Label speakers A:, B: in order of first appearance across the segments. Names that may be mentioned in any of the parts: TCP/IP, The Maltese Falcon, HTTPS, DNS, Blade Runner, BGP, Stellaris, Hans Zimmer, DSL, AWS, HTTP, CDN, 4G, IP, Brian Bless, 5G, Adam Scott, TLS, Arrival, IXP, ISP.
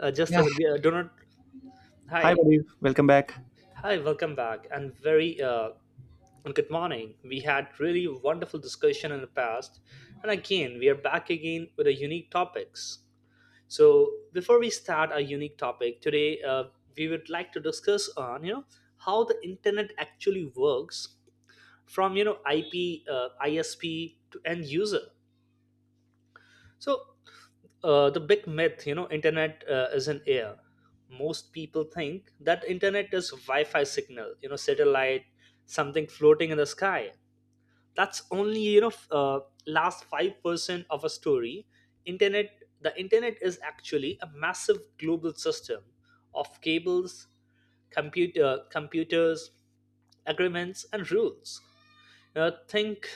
A: Just
B: Yeah,
A: as do not.
B: hi,
A: Hi,
B: buddy. Welcome back.
A: hi, welcome back, and very and good morning. We had really wonderful discussion in the past, and again we are back again with a unique topics. So before we start our unique topic today, we would like to discuss on how the internet actually works from IP, ISP to end user. So, the big myth, internet is in air. Most people think that internet is wi-fi signal, satellite, something floating in the sky. That's only last 5% of a story. Internet the internet is actually a massive global system of cables, computers, agreements and rules. Think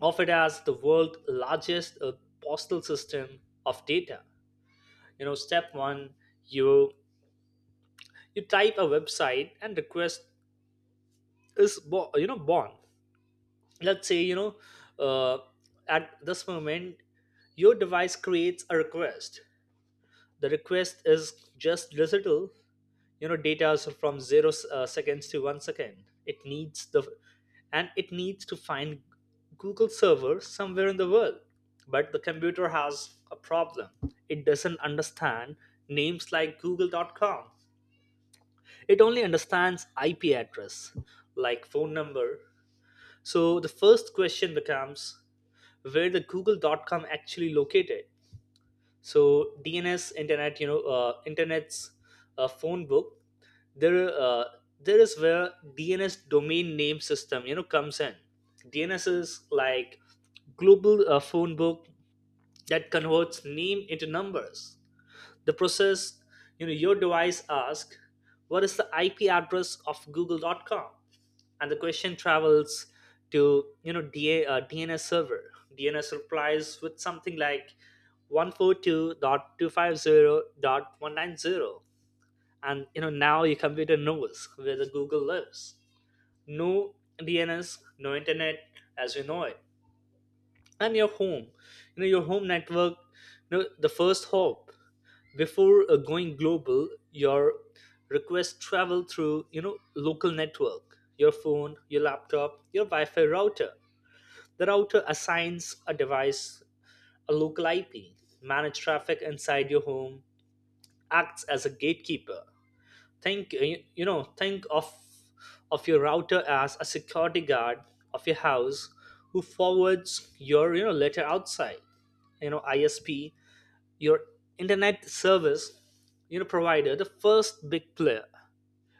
A: of it as the world's largest postal system of data. Step one, you you type a website and request is born. Let's say, uh, at this moment your device creates a request. The request is just digital, data. Is from zero seconds to 1 second, it needs the, and it needs to find google server somewhere in the world. But the computer has a problem, it doesn't understand names like google.com. It only understands IP address, like phone number. So the first question becomes, where the Google. Dot com actually located? So DNS, internet, you know internet's phone book. There uh, there is where DNS, domain name system, comes in. DNS is like global phone book that converts name into numbers. The process, your device asks, what is the IP address of google.com? And the question travels to, DNS server. DNS replies with something like 142.250.190, and now your computer knows where the google lives. No DNS, no internet as we know it. And your home, your home network, the first hope, before going global, your request travel through, local network, your phone, your laptop, your wi-fi router. The router assigns a device a local IP, manage traffic inside your home, acts as a gatekeeper. Think of your router as a security guard of your house, who forwards your, letter outside. ISP, your internet service, provider, the first big player.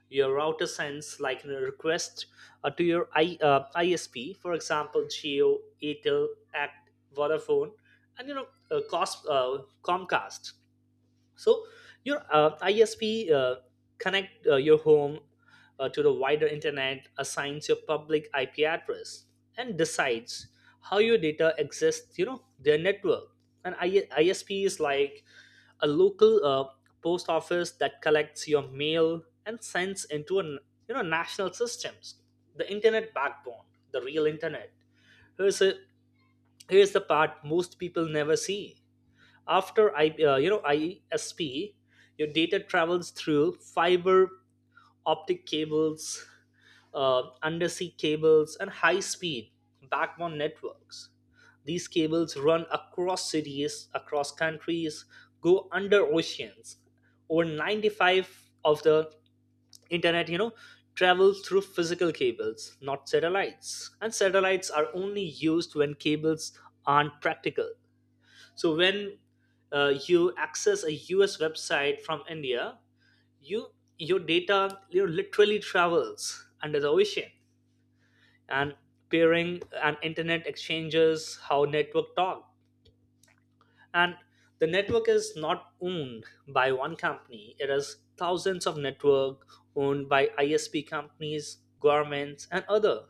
A: Your router sends like a request to your ISP, for example Geo, Atel, Act, Vodafone, and Comcast. So your ISP connect your home to the wider internet, assigns your public IP address, and decides how your data exists, their network. And ISP is like a local post office that collects your mail and sends into an, national systems. The internet backbone, the real internet. Here's a here's the part most people never see. After I you know ISP, your data travels through fiber optic cables, undersea cables, and high speed backbone networks. These cables run across cities, across countries, go under oceans. Over 95 of the internet, travels through physical cables, not satellites. And satellites are only used when cables aren't practical. So when you access a US website from India, you your data, literally travels under the ocean. And peering and internet exchanges, how network talk. And the network is not owned by one company, it is thousands of network owned by ISP companies, governments and other.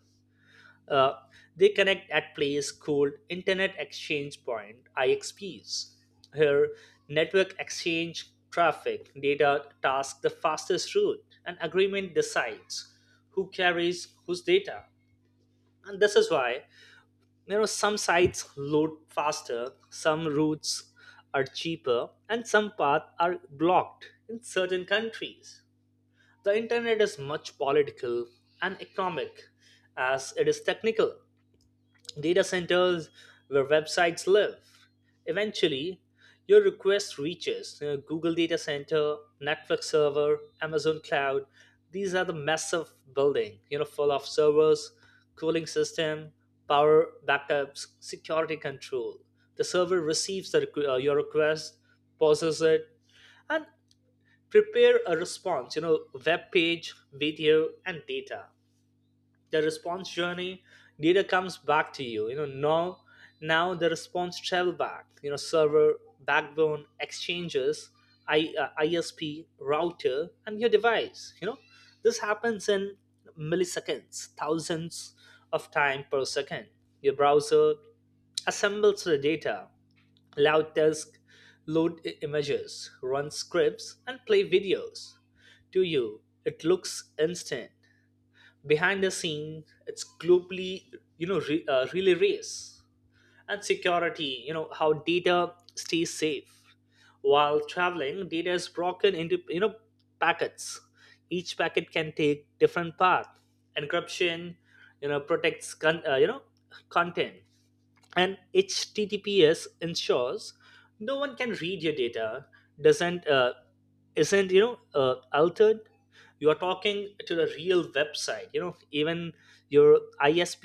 A: uh, they connect at place called internet exchange point, IXPs. Here, network exchange traffic data tasks the fastest route, and agreement decides who carries whose data. And this is why, some sites load faster, some routes are cheaper, and some paths are blocked in certain countries. The internet is much political and economic as it is technical. Data centers, where websites live. Eventually, your request reaches Google Data Center, Netflix server, Amazon Cloud. These are the massive building, full of servers, cooling system, power backups, security control. The server receives the your request, pauses it, and prepare a response. Web page, video, and data. The response journey, data comes back to you. You know now now the response travel back, server, backbone, exchanges, ISP, router, and your device. This happens in milliseconds, thousands of time per second. Your browser assembles the data, loud disk, load images, run scripts and play videos. To you it looks instant, behind the scene it's globally, relay race. And security, how data stays safe while traveling. Data is broken into, packets, each packet can take different path. Encryption, protects content, and HTTPS ensures no one can read your data, doesn't isn't, altered. You are talking to the real website, even your ISP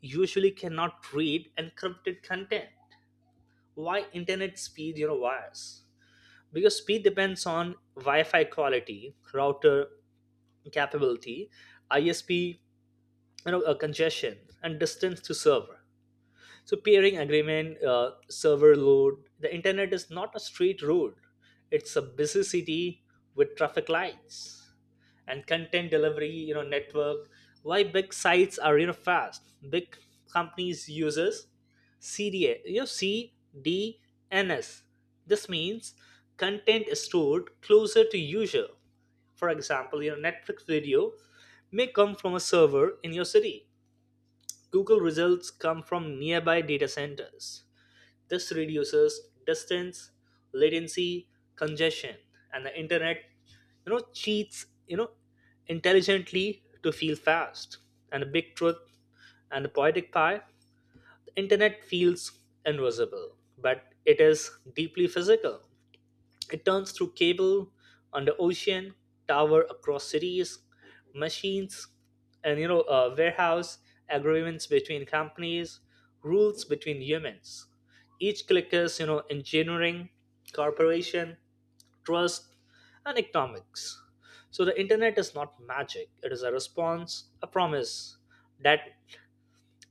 A: usually cannot read encrypted content. Why internet speed, wires? Because speed depends on wi-fi quality, router capability, ISP, congestion, and distance to server. So peering agreement, server load. The internet is not a straight road; it's a busy city with traffic lights and content delivery. Network. Why big sites are, fast? Big companies uses CDA. You know CDNS. This means content is stored closer to user. For example, your Netflix video may come from a server in your city. Google results come from nearby data centers. This reduces distance, latency, congestion, and the internet, cheats, intelligently to feel fast. And the big truth and the poetic pie, the internet feels invisible, but it is deeply physical. It turns through cable under ocean, tower across cities, machines, and warehouse, agreements between companies, rules between humans. Each click is, engineering, corporation, trust, and economics. So the internet is not magic; it is a response, a promise that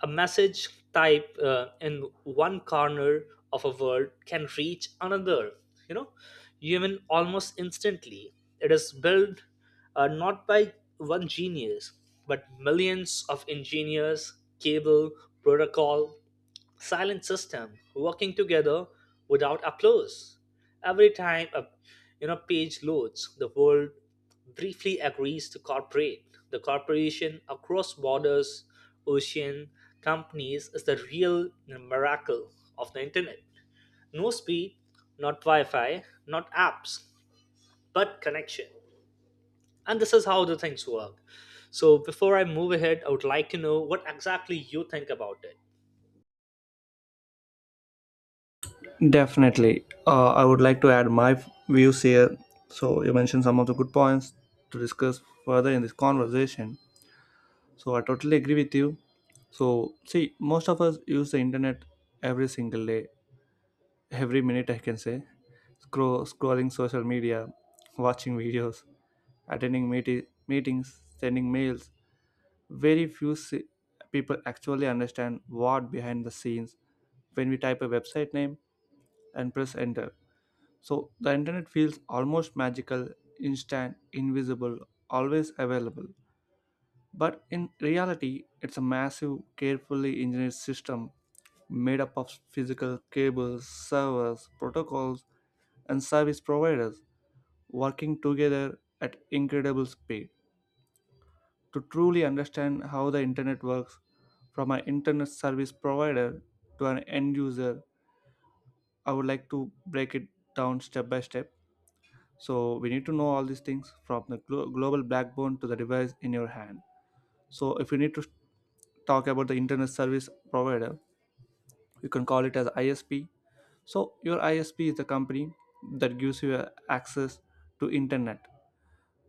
A: a message type in one corner of a world can reach another, you know, even almost instantly. It is built, not by one genius, but millions of engineers, cable, protocol, silent system working together without applause. Every time a, page loads, the world briefly agrees to cooperate. The cooperation across borders, ocean, companies is the real miracle of the internet. No speed, not Wi-Fi, not apps, but connection. And this is how the things work. So before I move ahead, I would like to know what exactly you think about it.
B: Definitely. I would like to add my views here. So, you mentioned some of the good points to discuss further in this conversation. So, I totally agree with you. So, see, most of us use the internet every single day, every minute, I can say. Scrolling social media, watching videos, attending meetings, sending mails. Very few people actually understand what behind the scenes when we type a website name and press enter. So the internet feels almost magical, instant, invisible, always available. But in reality, it's a massive, carefully engineered system made up of physical cables, servers, protocols, and service providers working together at incredible speed. To truly understand how the internet works from an internet service provider to an end user, I would like to break it down step by step. So we need to know all these things from the global backbone to the device in your hand. So if you need to talk about the internet service provider, you can call it as ISP. So your ISP is the company that gives you access to internet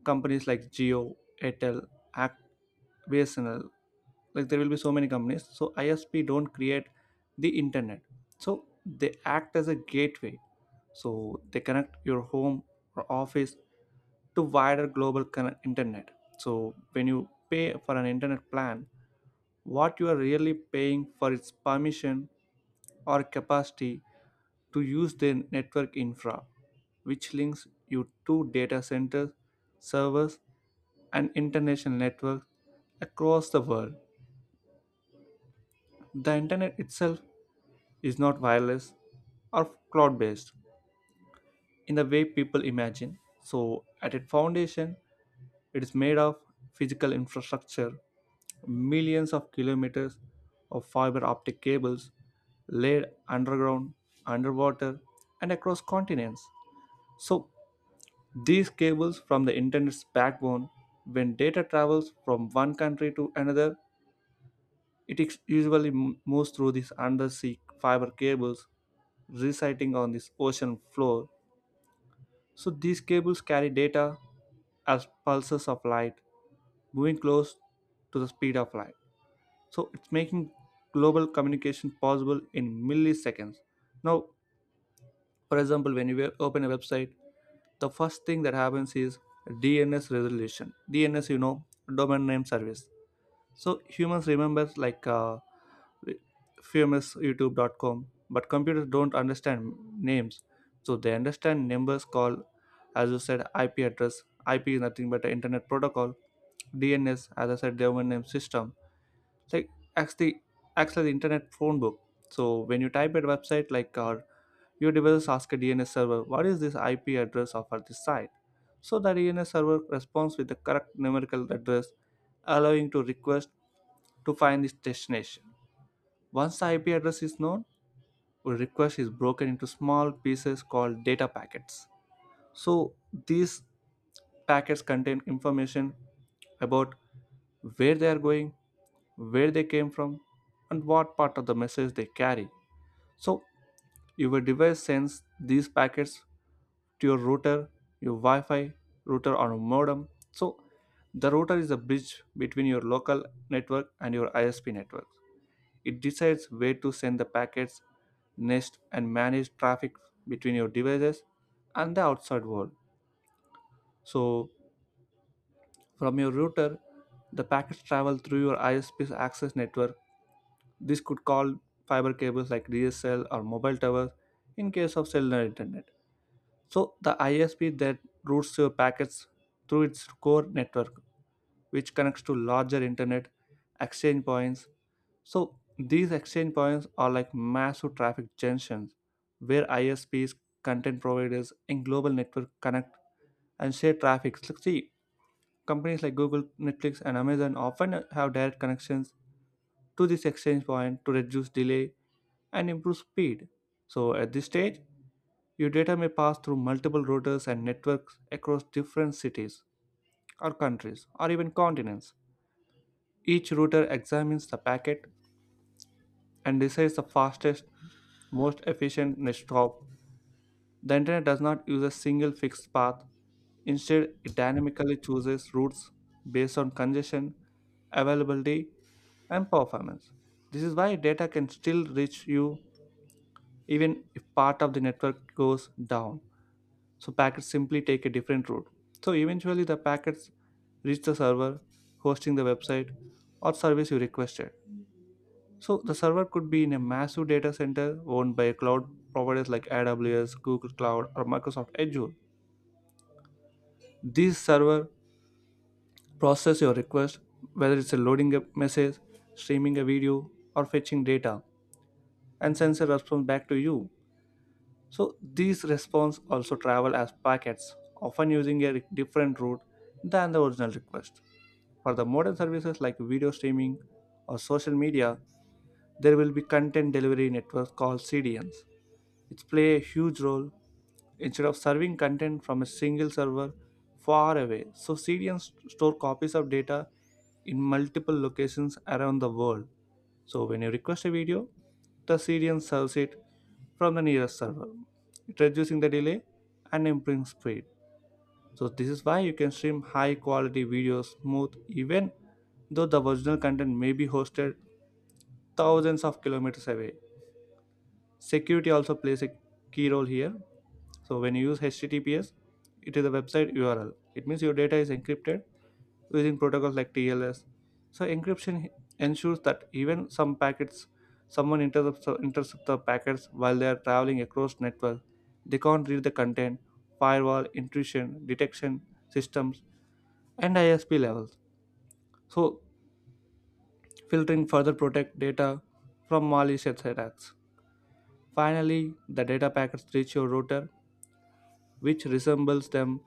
B: companies like Geo, Airtel, Act, BSNL, like there will be so many companies. So ISP don't create the internet. So they act as a gateway. So they connect your home or office to wider global internet. So when you pay for an internet plan, what you are really paying for is permission or capacity to use their network infra, which links you to data centers, servers, and international networks across the world. The internet itself is not wireless or cloud based in the way people imagine. So, at its foundation, it is made of physical infrastructure, millions of kilometers of fiber optic cables laid underground, underwater, and across continents. So, these cables from the internet's backbone, when data travels from one country to another, it usually moves through these undersea fiber cables residing on this ocean floor. So, these cables carry data as pulses of light moving close to the speed of light. So, it's making global communication possible in milliseconds. Now, for example, when you open a website, the first thing that happens is DNS resolution. DNS, you know, domain name service. So humans remember like famous YouTube.com, but computers don't understand names. So they understand numbers called, as you said, IP address. IP is nothing but an internet protocol. DNS, as I said, domain name system, like acts the acts like the internet phone book. So when you type at a website like our, your device asks a DNS server what is this IP address of at this site. So the DNS server responds with the correct numerical address, allowing to request to find its destination. Once the IP address is known, a request is broken into small pieces called data packets. So these packets contain information about where they are going, where they came from, and what part of the message they carry. So, your device sends these packets to your router, your Wi Fi router, or modem. So, the router is a bridge between your local network and your ISP network. It decides where to send the packets, nest, and manage traffic between your devices and the outside world. So, from your router, the packets travel through your ISP's access network. This could call fiber cables like DSL or mobile towers in case of cellular internet. So the ISP that routes your packets through its core network, which connects to larger internet exchange points. So these exchange points are like massive traffic junctions where ISPs, content providers, and global network connect and share traffic. So see, companies like Google, Netflix, and Amazon often have direct connections to this exchange point to reduce delay and improve speed. So at this stage, your data may pass through multiple routers and networks across different cities or countries or even continents. Each router examines the packet and decides the fastest, most efficient next hop. The internet does not use a single fixed path. Instead, it dynamically chooses routes based on congestion, availability, and performance. This is why data can still reach you even if part of the network goes down. So packets simply take a different route. So eventually the packets reach the server hosting the website or service you requested. So the server could be in a massive data center owned by cloud providers like AWS, Google Cloud, or Microsoft Azure. This server process your request, whether it's a loading a message, streaming a video, or fetching data, and sends a response back to you. So these responses also travel as packets, often using a different route than the original request. For the modern services like video streaming or social media, there will be content delivery networks called CDNs. It's play a huge role instead of serving content from a single server far away. So CDNs store copies of data in multiple locations around the world. So when you request a video, the CDN serves it from the nearest server, it reducing the delay and improving speed. So this is why you can stream high quality videos smooth even though the original content may be hosted thousands of kilometers away. Security also plays a key role here. So when you use HTTPS, it is a website URL. It means your data is encrypted using protocols like TLS. So encryption ensures that even some packets, someone intercepts the packets while they are traveling across network. They can't read the content. Firewall, intrusion, detection systems, and ISP levels. So filtering further protect data from malicious attacks. Finally, the data packets reach your router which resembles them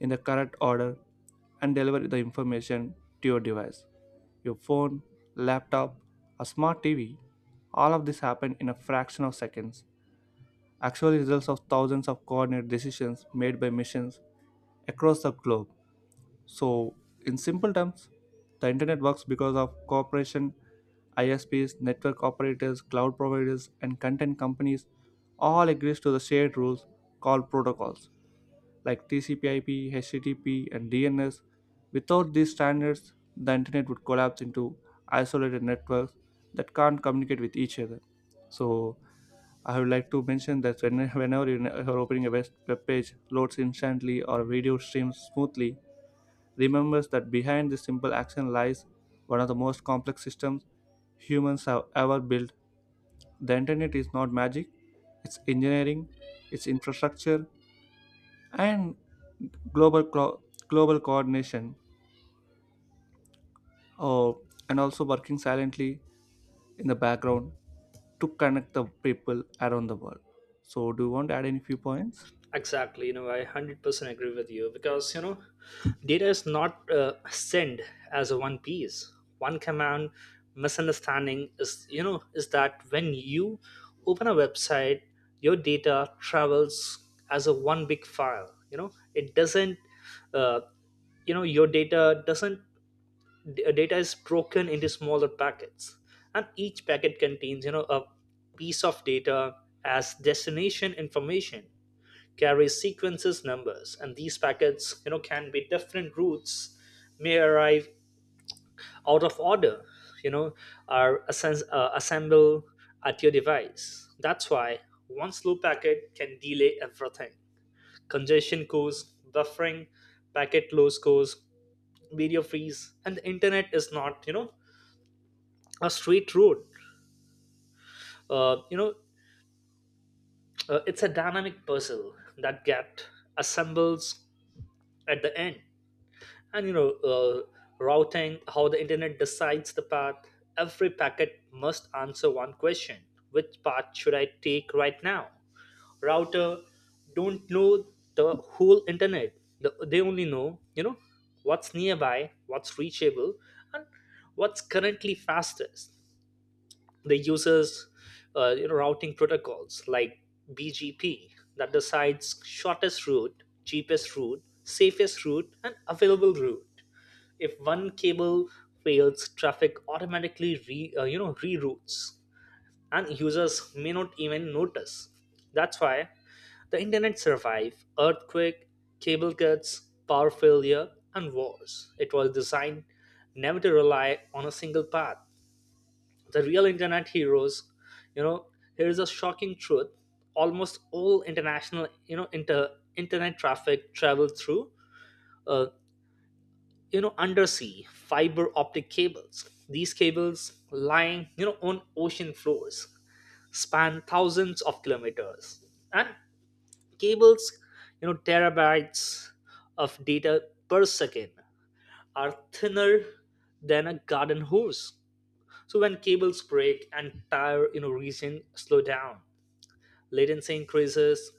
B: in the correct order and deliver the information to your device, your phone, laptop, a smart TV. All of this happened in a fraction of seconds. Actually, results of thousands of coordinated decisions made by machines across the globe. So, in simple terms, the internet works because of cooperation. ISPs, network operators, cloud providers, and content companies all agrees to the shared rules called protocols like TCP/IP, HTTP, and DNS. Without these standards, the internet would collapse into isolated networks that can't communicate with each other. So I would like to mention that whenever you are opening a web page loads instantly or video streams smoothly, remember that behind this simple action lies one of the most complex systems humans have ever built. The internet is not magic, it's engineering, it's infrastructure, and global clo- global coordination uh, and also working silently in the background to connect the people around the world. So do you want to add any few points?
A: Exactly, I 100% agree with you because, data is not sent as a one piece. One command misunderstanding is, is that when you open a website, your data travels as a one big file. You know, it doesn't, uh, your data doesn't, data is broken into smaller packets. And each packet contains, a piece of data as destination information, carry sequences numbers. And these packets, can be different routes, may arrive out of order, you know are assemble at your device. That's why one slow packet can delay everything. Congestion cause buffering, packet loss cause video freeze. And the internet is not, a straight road, uh, you know it's a dynamic puzzle that get assembles at the end. And, routing, how the internet decides the path. Every packet must answer one question: which path should I take right now? Router don't know the whole internet, they only know, what's nearby, what's reachable, and what's currently fastest. They uses routing protocols like BGP that decides shortest route, cheapest route, safest route and available route. If one cable fails, traffic automatically re, you know reroutes, and users may not even notice. That's why the internet survived earthquake, cable cuts, power failure, and wars. It was designed never to rely on a single path. The real internet heroes, you know here is a shocking truth: almost all international, internet traffic travels through, uh, undersea fiber optic cables. These cables lying, on ocean floors, span thousands of kilometers. And cables, terabytes of data per second, are thinner than a garden hose. So when cables break, entire, region slow down, latency increases,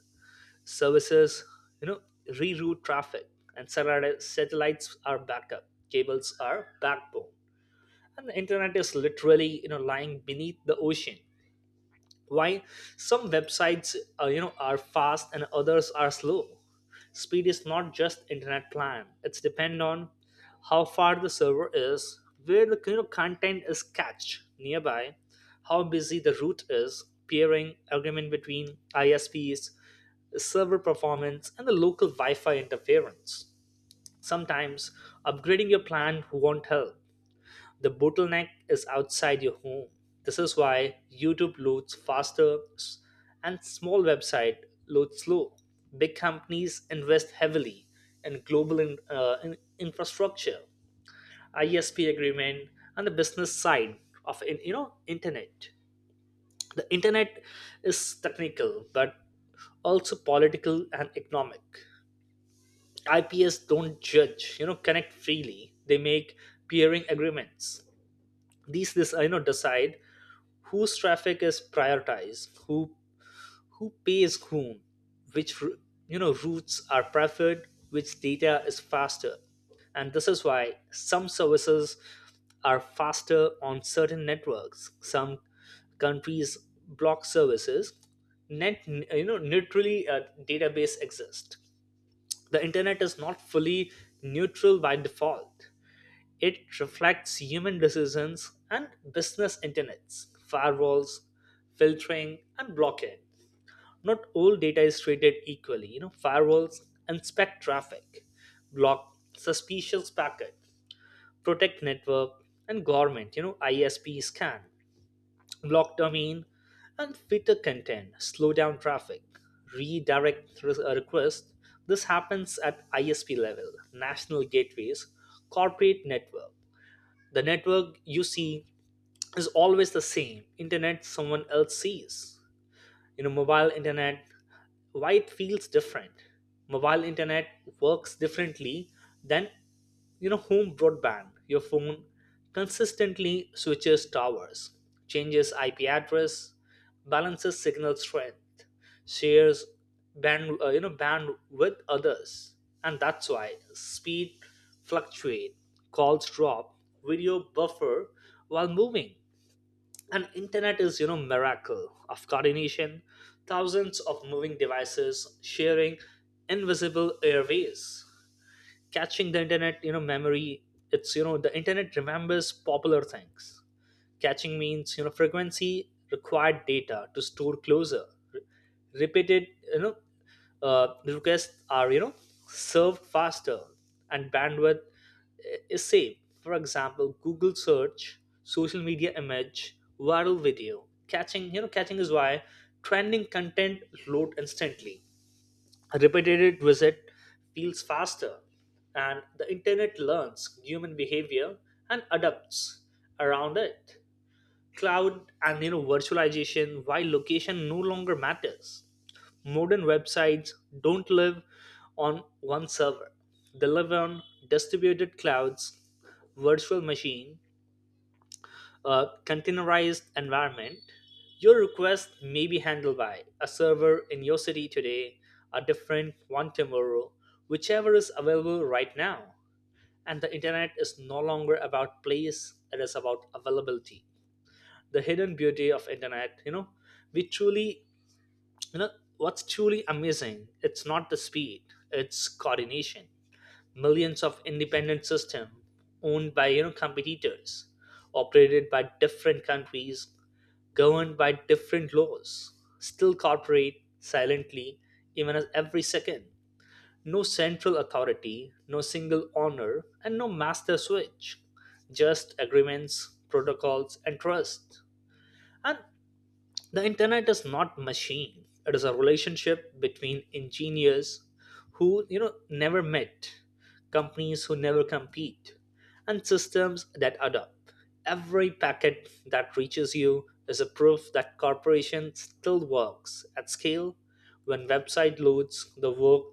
A: services, you know reroute traffic. And satellites are backup, cables are backbone. And the internet is literally, lying beneath the ocean. Why some websites, are fast and others are slow? Speed is not just internet plan, it's depend on how far the server is, where the, content is cached nearby, how busy the route is, peering agreement between ISPs, server performance and the local wi-fi interference. Sometimes upgrading your plan won't help, the bottleneck is outside your home. This is why YouTube loads faster and small website loads slow. Big companies invest heavily in global in infrastructure, ISP agreement, and the business side of in, you know internet. The internet is technical, but also political and economic. IPS don't judge, connect freely. They make peering agreements. These this you know decide whose traffic is prioritized, who pays whom, which routes are preferred, which data is faster. And this is why some services are faster on certain networks. Some countries block services, net neutrally, database exist. The internet is not fully neutral by default. It reflects human decisions and business internets, firewalls, filtering, and blockade. Not all data is treated equally. Firewalls inspect traffic, block suspicious packet, protect network, and government, ISP scan, block domain, and filter content, slow down traffic, request. This happens at ISP level, national gateways, corporate network. The network you see is always the same internet someone else sees. Mobile internet, why it feels different. Mobile internet works differently than home broadband. Your phone consistently switches towers, changes IP address, balances signal strength, shares band you know band with others. And that's why speed fluctuate, calls drop, video buffer while moving. And internet is miracle of coordination, thousands of moving devices sharing invisible airways. Catching the internet, memory. It's, the internet remembers popular things. Caching means, frequency required data to store closure. Re- repeated you know requests are, served faster, and bandwidth is saved. For example, Google search, social media image, viral video. Catching, catching is why trending content load instantly. A repeated visit feels faster, and the internet learns human behavior and adapts around it. Cloud and, virtualization, why location no longer matters. Modern websites don't live on one server. They live on distributed clouds, virtual machine, a containerized environment. Your request may be handled by a server in your city today, a different one tomorrow, whichever is available right now. And the internet is no longer about place, it is about availability. The hidden beauty of internet, we truly, you know what's truly amazing, it's not the speed, it's coordination. Millions of independent systems owned by competitors, operated by different countries, governed by different laws, still cooperate silently even as every second. No central authority, no single owner, and no master switch. Just agreements, protocols, and trust. And the internet is not machine. It is a relationship between engineers who never met, companies who never compete, and systems that adapt. Every packet that reaches you is a proof that corporation still works at scale. When website loads the work,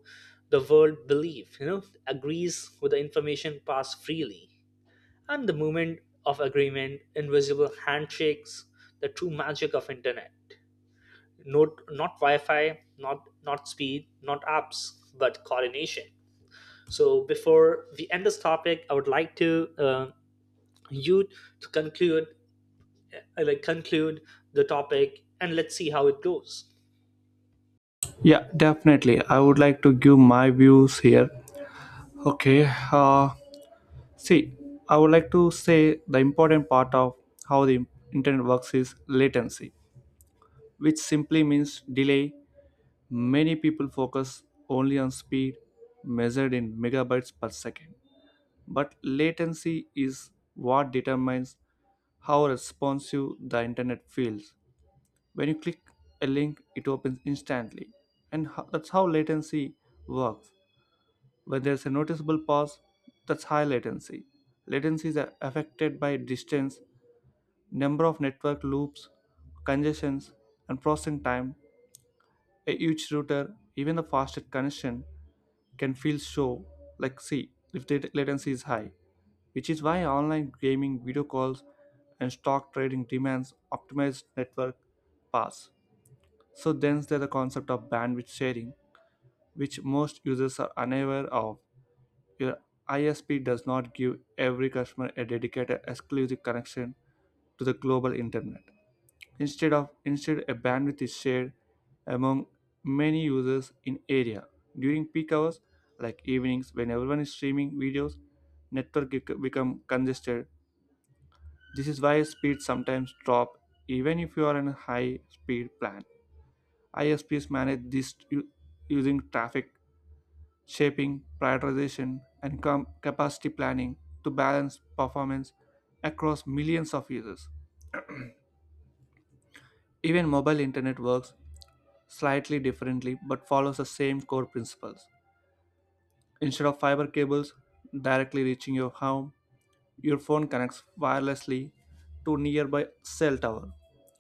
A: the world believe, agrees with the information passed freely. And the moment of agreement, invisible handshakes, the true magic of internet, not not Wi-Fi, not not speed, not apps, but coordination. So before we end this topic, I would like to you to conclude, conclude the topic, and let's see how it goes.
B: Yeah, definitely, I would like to give my views here. Okay. See, I would like to say the important part of how the internet works is latency, which simply means delay. Many people focus only on speed measured in megabytes per second, but latency is what determines how responsive the internet feels. When you click a link, it opens instantly, and that's how latency works. When there's a noticeable pause, that's high latency. Latencies are affected by distance, number of network loops, congestions, and processing time. A huge router, even the fastest connection, can feel so like sea if the latency is high, which is why online gaming, video calls, and stock trading demands optimized network paths. So then there's the concept of bandwidth sharing, which most users are unaware of. Your ISP does not give every customer a dedicated exclusive connection to the global internet. Instead, a bandwidth is shared among many users in area. During peak hours like evenings when everyone is streaming videos, network become congested. This is why speeds sometimes drop even if you are on a high speed plan. ISPs manage this using traffic shaping, prioritization, and capacity planning to balance performance across millions of users. Even mobile internet works slightly differently but follows the same core principles. Instead of fiber cables directly reaching your home, your phone connects wirelessly to nearby cell tower.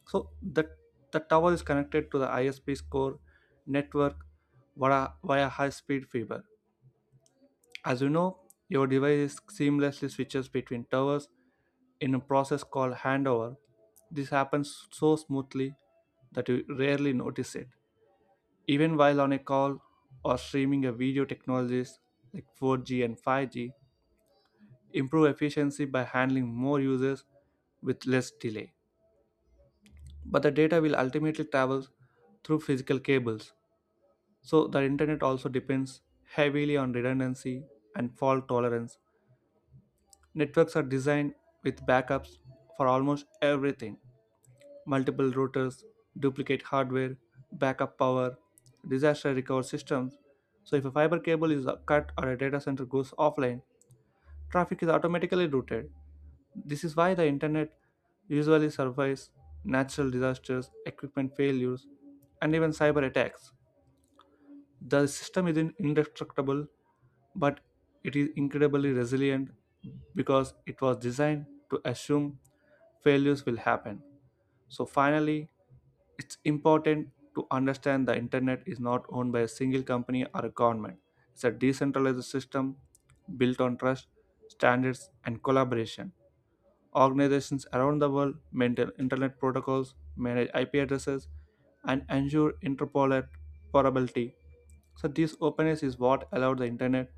B: So the tower is connected to the ISP's core network via high-speed fiber. As you know, your device seamlessly switches between towers in a process called handover. This happens so smoothly that you rarely notice it. Even while on a call or streaming a video, technologies like 4G and 5G improve efficiency by handling more users with less delay. But the data will ultimately travel through physical cables, so the internet also depends heavily on redundancy and fault tolerance. Networks are designed with backups for almost everything: multiple routers, duplicate hardware, backup power, disaster recovery systems. So if a fiber cable is cut or a data center goes offline, traffic is automatically routed. This is why the internet usually survives natural disasters, equipment failures, and even cyber attacks. The system isn't indestructible, but it is incredibly resilient because it was designed to assume failures will happen. So finally, it's important to understand the internet is not owned by a single company or a government. It's a decentralized system built on trust, standards, and collaboration. Organizations around the world maintain internet protocols, manage IP addresses, and ensure interoperability. So this openness is what allowed the internet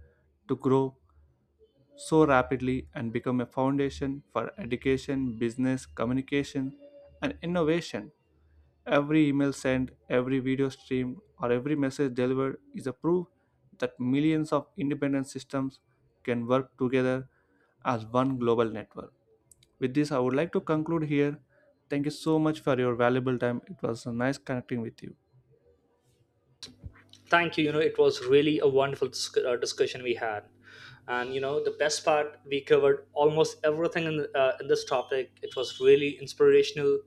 B: to grow so rapidly and become a foundation for education, business, communication, and innovation. Every email sent, every video streamed, or every message delivered is a proof that millions of independent systems can work together as one global network. With this, I would like to conclude here. Thank you so much for your valuable time. It was nice connecting with you.
A: Thank you. It was really a wonderful discussion we had, and the best part, we covered almost everything in this topic. It was really inspirational,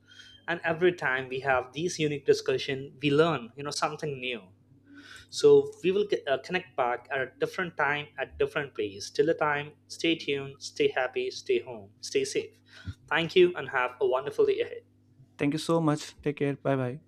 A: and every time we have these unique discussion, we learn something new. So we will connect back at a different time, at different place. Till the time, stay tuned, stay happy, stay home, stay safe. Thank you, and have a wonderful day ahead.
B: Thank you so much. Take care. Bye bye.